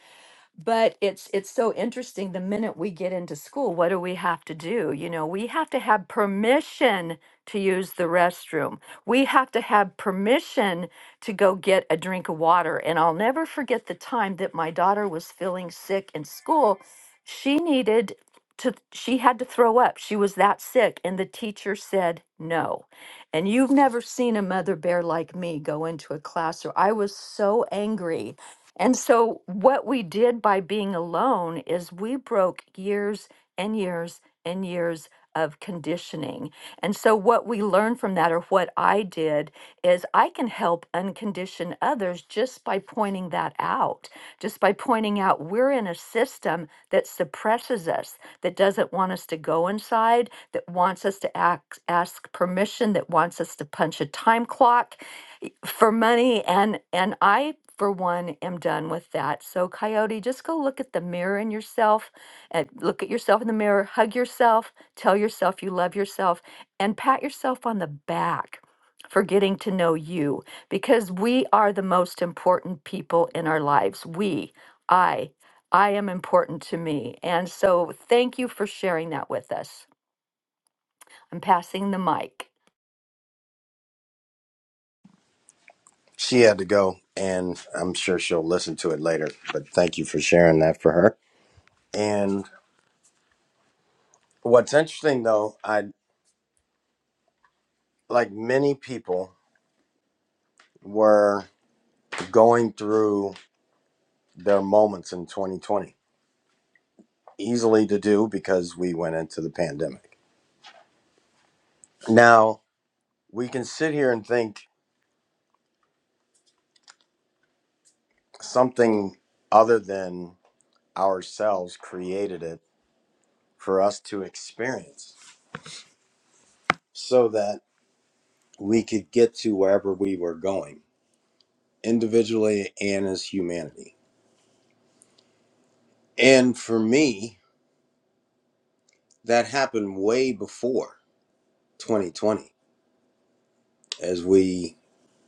Speaker 2: but it's it's so interesting the minute we get into school what do we have to do you know we have to have permission to use the restroom we have to have permission to go get a drink of water and i'll never forget the time that my daughter was feeling sick in school she needed to she had to throw up she was that sick and the teacher said no and you've never seen a mother bear like me go into a class or i was so angry and so, what we did by being alone is we broke years and years and years of conditioning. And so, what we learned from that, or what I did, is I can help uncondition others just by pointing that out, just by pointing out we're in a system that suppresses us, that doesn't want us to go inside, that wants us to act, ask permission, that wants us to punch a time clock, for money and and i for one am done with that so coyote just go look at the mirror in yourself and look at yourself in the mirror hug yourself tell yourself you love yourself and pat yourself on the back for getting to know you because we are the most important people in our lives we i i am important to me and so thank you for sharing that with us i'm passing the mic
Speaker 1: she had to go and i'm sure she'll listen to it later but thank you for sharing that for her and what's interesting though i like many people were going through their moments in 2020 easily to do because we went into the pandemic now we can sit here and think something other than ourselves created it for us to experience so that we could get to wherever we were going individually and as humanity. And for me, that happened way before 2020. As we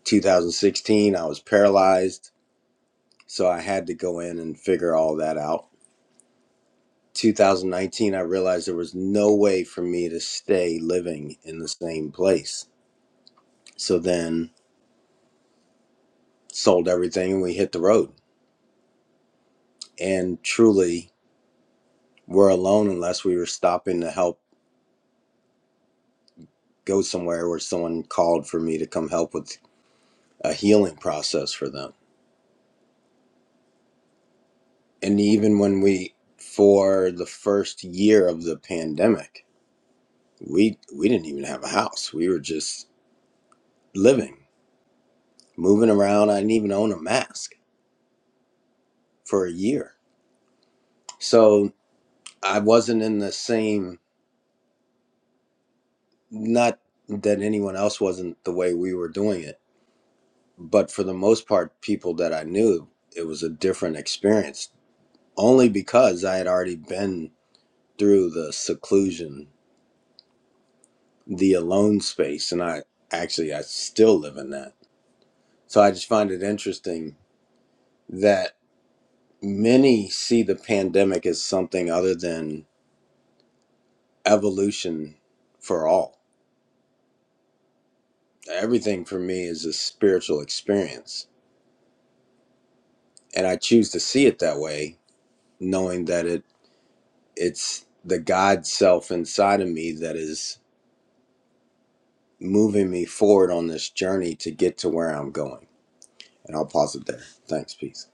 Speaker 1: 2016, I was paralyzed, so I had to go in and figure all that out. 2019, I realized there was no way for me to stay living in the same place So then sold everything and we hit the road. And truly, we're alone unless we were stopping to help go somewhere where someone called for me to come help with a healing process for them. And even when we, for the first year of the pandemic, we we didn't even have a house. We were just living, moving around. I didn't even own a mask for a year. So I wasn't in the same. Not that anyone else wasn't the way we were doing it but for the most part people that i knew it was a different experience only because i had already been through the seclusion the alone space and i actually i still live in that so i just find it interesting that many see the pandemic as something other than evolution for all everything for me is a spiritual experience and i choose to see it that way knowing that it it's the god self inside of me that is moving me forward on this journey to get to where I'm going. And I'll pause it there. Thanks, peace.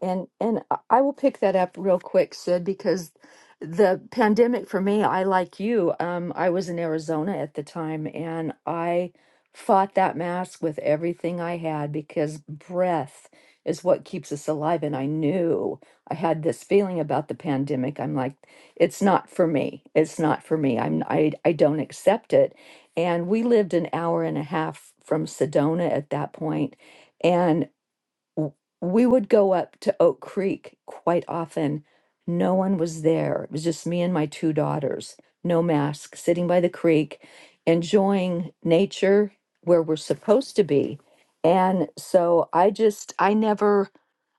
Speaker 2: And and I I will pick that up real quick, Sid, because the pandemic for me, I like you, um, I was in Arizona at the time and I fought that mask with everything I had because breath is what keeps us alive. And I knew I had this feeling about the pandemic. I'm like, it's not for me. It's not for me. I'm I I don't accept it. And we lived an hour and a half from Sedona at that point w- we would go up to Oak Creek quite often. No one was there. It was just me and my two daughters, no mask, sitting by the creek, enjoying nature where we're supposed to be. And so I just, I never,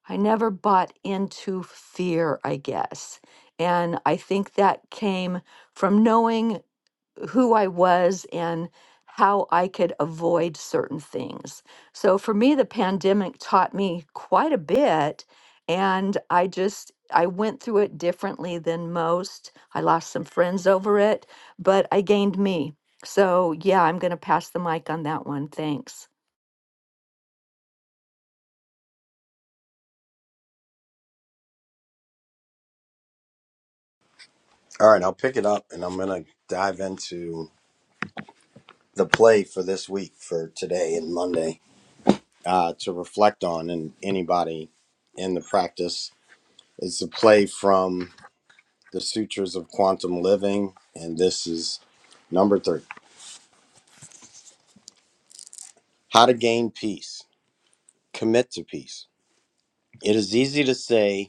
Speaker 2: I never bought into fear, I guess. And I think that came from knowing who I was and how I could avoid certain things. So for me, the pandemic taught me quite a bit. And I just, I went through it differently than most. I lost some friends over it, but I gained me. So yeah, I'm going to pass the mic on that one. Thanks.
Speaker 1: All right, I'll pick it up and I'm going to dive into the play for this week, for today and Monday, uh, to reflect on. And anybody in the practice, it's a play from the Sutras of Quantum Living. And this is number three How to Gain Peace, Commit to Peace. It is easy to say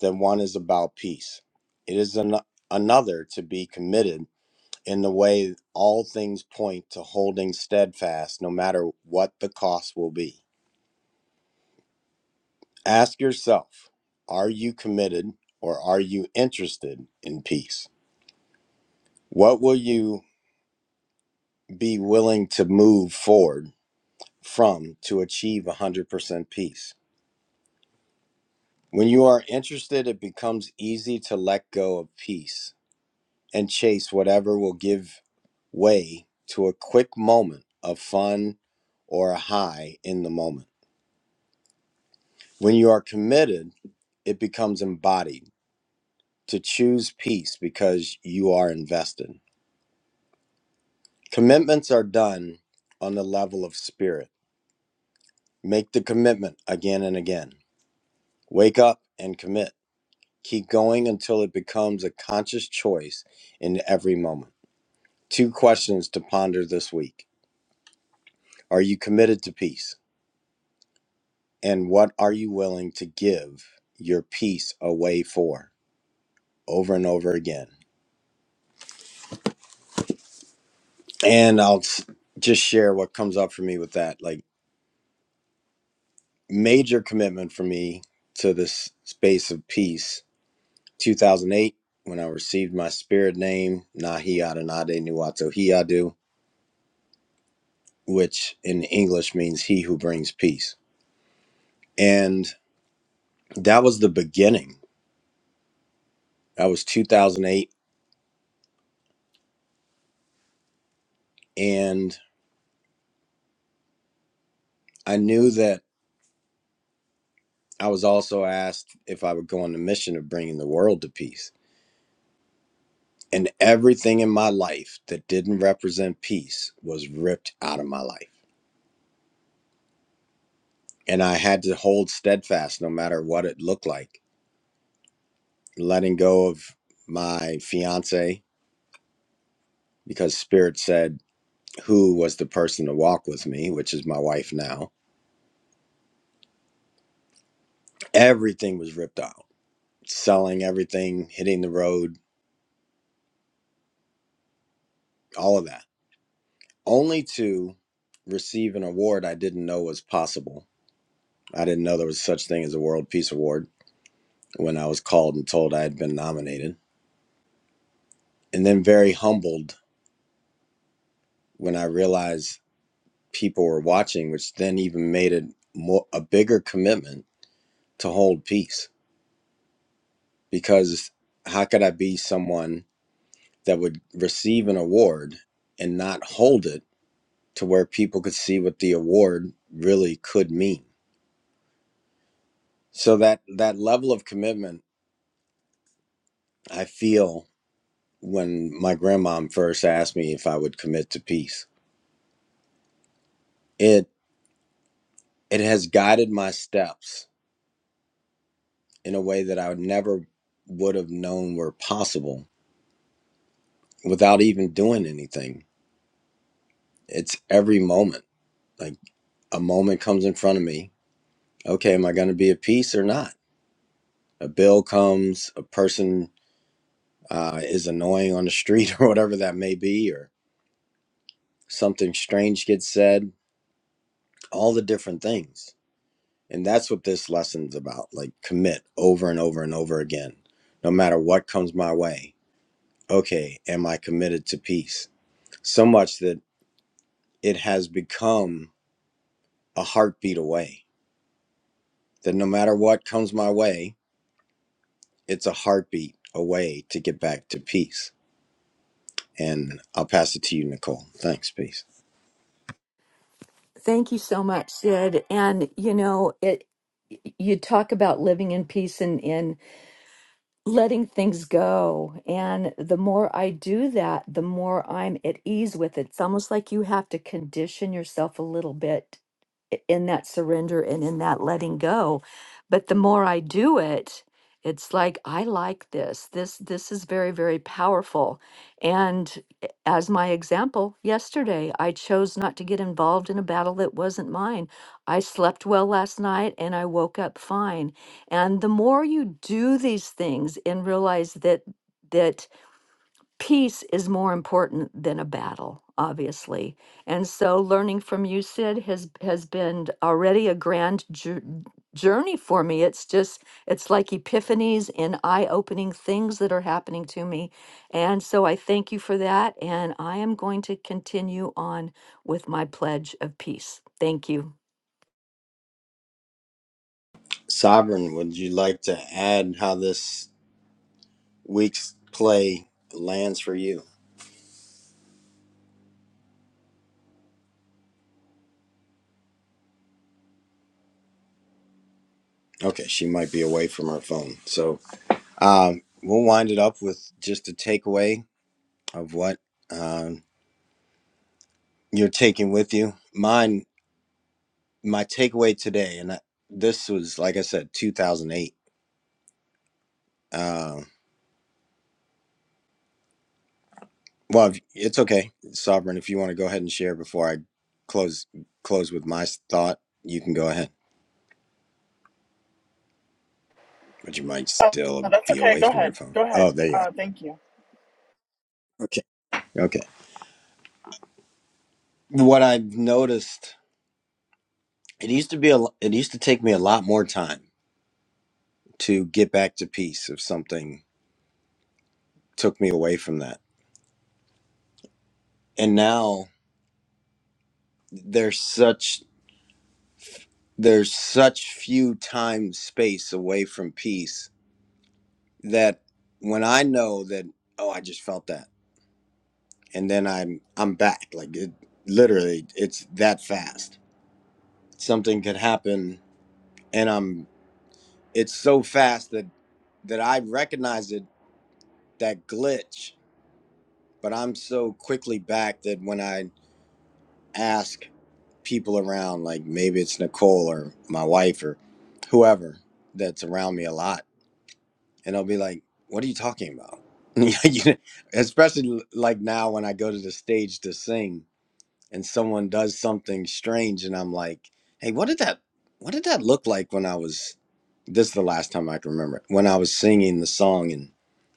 Speaker 1: that one is about peace, it is an- another to be committed in the way all things point to holding steadfast no matter what the cost will be. Ask yourself are you committed or are you interested in peace? What will you be willing to move forward from to achieve 100% peace? When you are interested, it becomes easy to let go of peace and chase whatever will give way to a quick moment of fun or a high in the moment. When you are committed, it becomes embodied to choose peace because you are invested. Commitments are done on the level of spirit. Make the commitment again and again. Wake up and commit. Keep going until it becomes a conscious choice in every moment. Two questions to ponder this week Are you committed to peace? And what are you willing to give your peace away for over and over again? and I'll s- just share what comes up for me with that. Like major commitment for me to this space of peace. 2008, when I received my spirit name Nahi Adonade Nuato Hiadu, which in English means "He who brings peace," and that was the beginning. That was 2008, and I knew that I was also asked if I would go on the mission of bringing the world to peace And everything in my life that didn't represent peace was ripped out of my life. And I had to hold steadfast no matter what it looked like. Letting go of my fiance because Spirit said who was the person to walk with me, which is my wife now. Everything was ripped out. Selling everything, hitting the road, all of that. Only to receive an award I didn't know was possible. I didn't know there was such thing as a World Peace Award when I was called and told I had been nominated and then very humbled when I realized people were watching, which then even made it more a bigger commitment to hold peace. Because how could I be someone that would receive an award and not hold it to where people could see what the award really could mean? So that that level of commitment I feel when my grandmom first asked me if I would commit to peace, it it has guided my steps in a way that I never would have known were possible without even doing anything. It's every moment. Like a moment comes in front of me. Okay, am I going to be at peace or not? A bill comes, a person uh, is annoying on the street or whatever that may be, or something strange gets said, all the different things. And that's what this lesson's about. Like commit over and over and over again, no matter what comes my way. Okay, am I committed to peace? So much that it has become a heartbeat away. That no matter what comes my way, it's a heartbeat away to get back to peace. And I'll pass it to you, Nicole. Thanks, peace.
Speaker 2: Thank you so much, Sid. And you know, it, y- you talk about living in peace and in letting things go. And the more I do that, the more I'm at ease with it. It's almost like you have to condition yourself a little bit i- in that surrender and in that letting go. But the more I do it, it's like I like this. This this is very very powerful. And i- as my example, yesterday I chose not to get involved in a battle that wasn't mine. I slept well last night and I woke up fine and the more you do these things and realize that that peace is more important than a battle, obviously. And so learning from you, Sid, has has been already a grand jour- journey for me. It's just it's like epiphanies and eye-opening things that are happening to me. And so I thank you for that. And I am going to continue on with my pledge of peace. Thank you.
Speaker 1: Sovereign, would you like to add how this week's play lands for you? Okay, she might be away from her phone. So um, we'll wind it up with just a takeaway of what um, you're taking with you. Mine, my takeaway today, and I, this was, like I said, 2008 Um, well, if, it's okay, Sovereign. If you want to go ahead and share before I close close with my thought, you can go ahead. But you might
Speaker 5: oh,
Speaker 1: still
Speaker 5: that's
Speaker 1: be
Speaker 5: okay
Speaker 1: away
Speaker 5: go
Speaker 1: from your
Speaker 5: ahead
Speaker 1: phone.
Speaker 5: go ahead
Speaker 1: Oh, there you are.
Speaker 5: uh thank you
Speaker 1: Okay, okay. What I've noticed, it used to be a, lo- it used to take me a lot more time to get back to peace if something took me away from that, and now there's such there's such few time space away from peace that when I know that oh I just felt that and then I'm I'm back. Like it literally it's that fast. Something could happen and I'm it's so fast that that I recognize it that glitch, but I'm so quickly back that when I ask people around, like maybe it's Nicole or my wife or whoever that's around me a lot, and they'll be like, What are you talking about? You know, Especially like now when I go to the stage to sing and someone does something strange and I'm like, "Hey, what did that what did that look like when I was this is the last time I can remember it. When I was singing the song and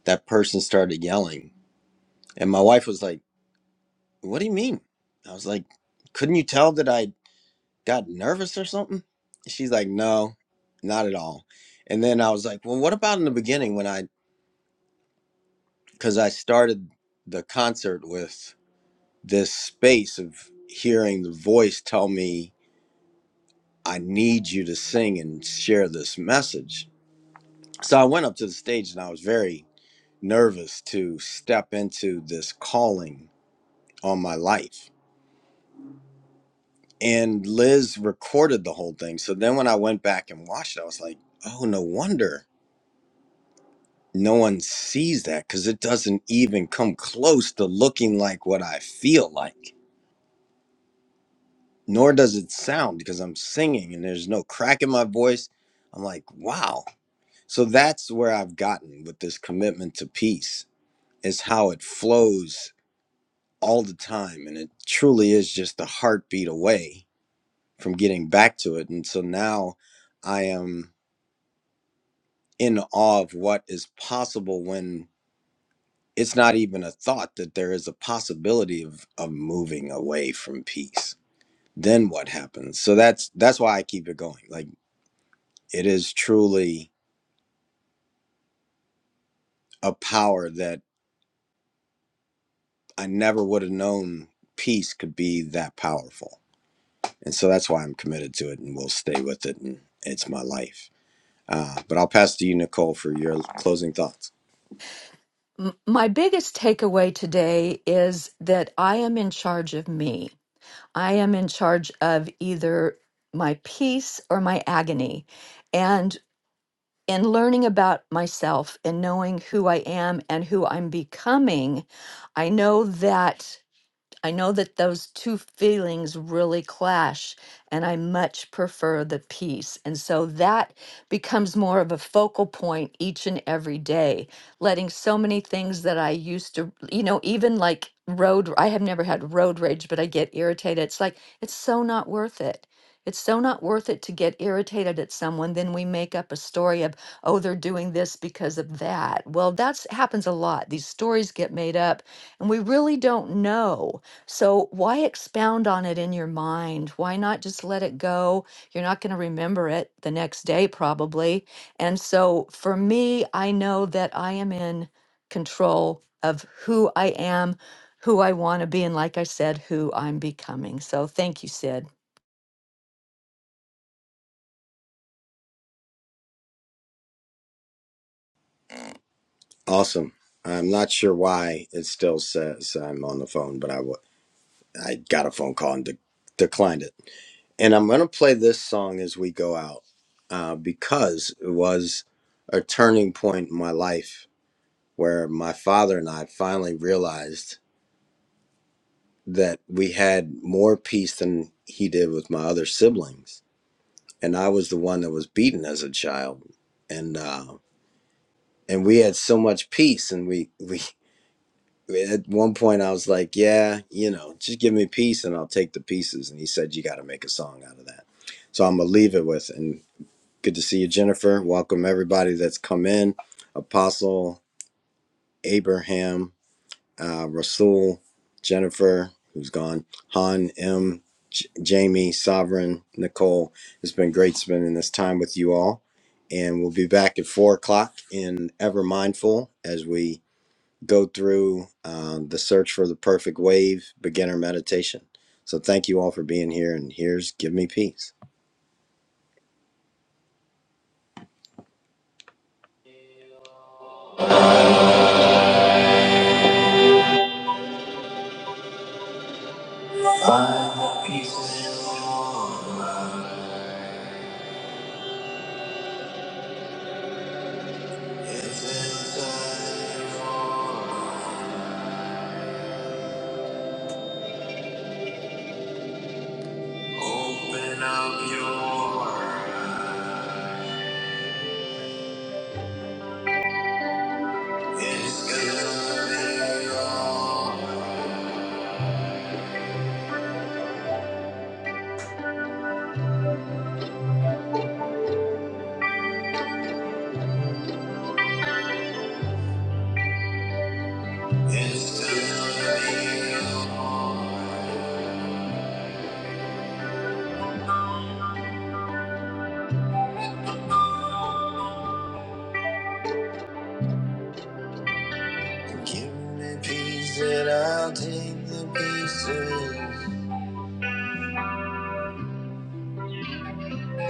Speaker 1: that person started yelling and my wife was like, "What do you mean?" I was like, "Couldn't you tell that I got nervous or something?" She's like, "No, not at all." And then I was like, "Well, what about in the beginning when I cuz I started the concert with this space of hearing the voice tell me I need you to sing and share this message. So I went up to the stage and I was very nervous to step into this calling on my life. And Liz recorded the whole thing. So then when I went back and watched it, I was like, oh, no wonder no one sees that because it doesn't even come close to looking like what I feel like, nor does it sound because I'm singing and there's no crack in my voice. I'm like, wow So that's where I've gotten with this commitment to peace is how it flows all the time and it truly is just a heartbeat away from getting back to it and so now I am in awe of what is possible when it's not even a thought that there is a possibility of, of moving away from peace. Then what happens? So that's that's why I keep it going. Like it is truly a power that I never would have known peace could be that powerful. and so that's why I'm committed to it and will stay with it, and it's my life. Uh, but I'll pass to you, Nicole, for your closing thoughts.
Speaker 2: M- My biggest takeaway today is that I am in charge of me. I am in charge of either my peace or my agony. And in learning about myself and knowing who I am and who I'm becoming, I know that. I know that those two feelings really clash, and I much prefer the peace. And so that becomes more of a focal point each and every day, letting so many things that I used to, you know, even like road, I have never had road rage, but I get irritated. It's like, it's so not worth it. It's so not worth it to get irritated at someone. Then we make up a story of, oh, they're doing this because of that. Well, that's happens a lot. These stories get made up, and we really don't know. So why expound on it in your mind? Why not just let it go? You're not going to remember it the next day, probably. And so for me, I know that I am in control of who I am, who I want to be, and like I said, who I'm becoming. So thank you, Sid.
Speaker 1: Awesome. I'm not sure why it still says I'm on the phone, but I wa- I got a phone call and de- declined it. And I'm gonna play this song as we go out uh, because it was a turning point in my life where my father and I finally realized that we had more peace than he did with my other siblings and I was the one that was beaten as a child, and uh, and we had so much peace, and we we at one point I was like, yeah, you know, just give me peace, and I'll take the pieces. And he said, you got to make a song out of that. So I'm gonna leave it with, and good to see you, Jennifer. Welcome everybody that's come in, Apostle Abraham. uh, Rasul, Jennifer, who's gone, Han, M, J- Jamie, Sovereign, Nicole. It's been great spending this time with you all. And we'll be back at four o'clock in Ever Mindful as we go through um, the search for the perfect wave beginner meditation. So thank you all for being here. And here's Give Me Peace. Peace is inside. Open up your heart. It's gonna be all. Give me peace and I'll take the pieces.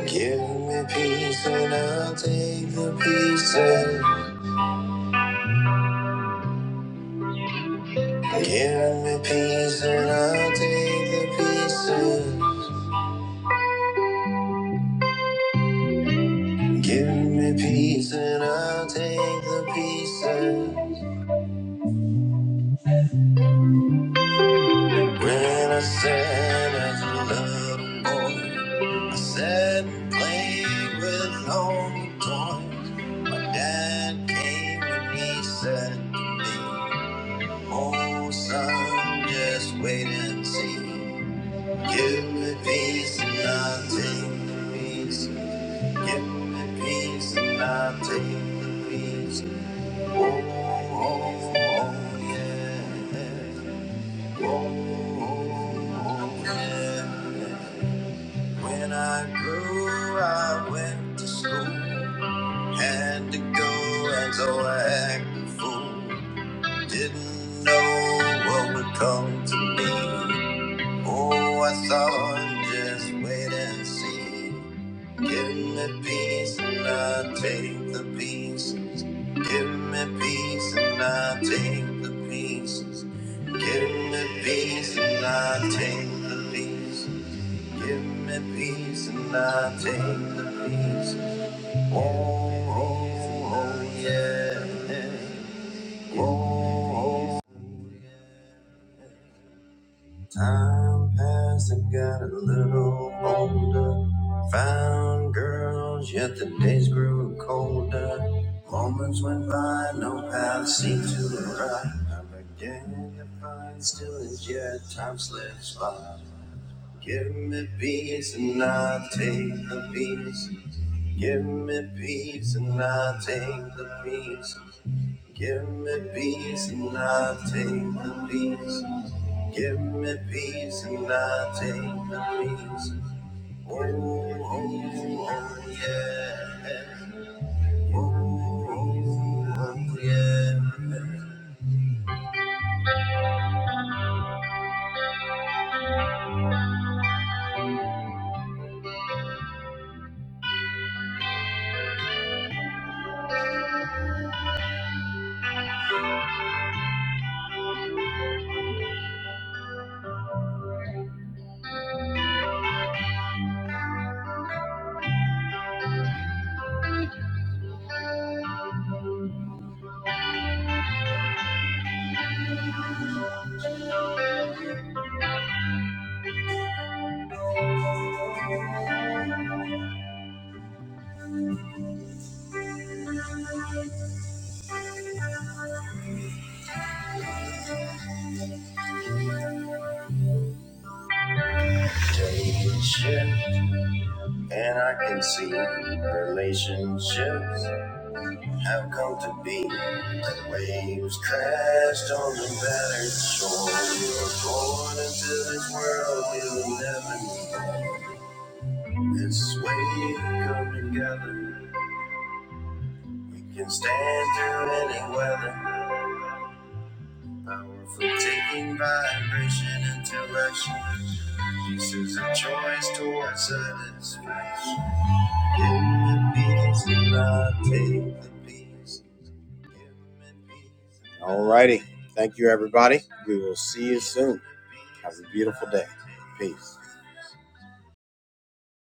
Speaker 1: Give me peace and I'll take the pieces. Give me peace and I'll take the pieces. Give me peace and I'll take the pieces. When I said as a little boy, I sat and played with all the toys. My dad came and he said to me, Oh son, just wait and see. Give me peace and I'll take the peace. Give me peace and I'll take the peace. Oh, oh, oh yeah. When I grew, I went to school. Had to go, and so I acted a fool. Didn't know what would come to me. Oh, I thought, just wait and see. Give me peace, and I take the peace. Give me peace and I take the pieces. Give me peace and I take the pieces. Give me peace and I take the pieces. Oh, oh, oh, yeah. Oh, oh, oh, yeah. Time passed I got a little older. Found girls, yet the days grew colder. Moments went by, no path seemed to arrive. I began to find still as yet time slips by. Give me peace and I'll take the peace. Give me peace and I'll take the peace. Give me peace and I'll take the peace. Give me peace and I take the peace. Oh, oh, oh, yeah. Oh, oh, oh, yeah. Relationship, and I can see relationships have come to be. The waves crashed on the battered shore. We were born into this world we will never know. This wave coming together. We can stand through any weather. Powerful taking vibration into action. This is a choice towards satisfaction. Give me peace and take the peace. Alrighty. Thank you, everybody. We will see you soon. Have a beautiful day. Peace.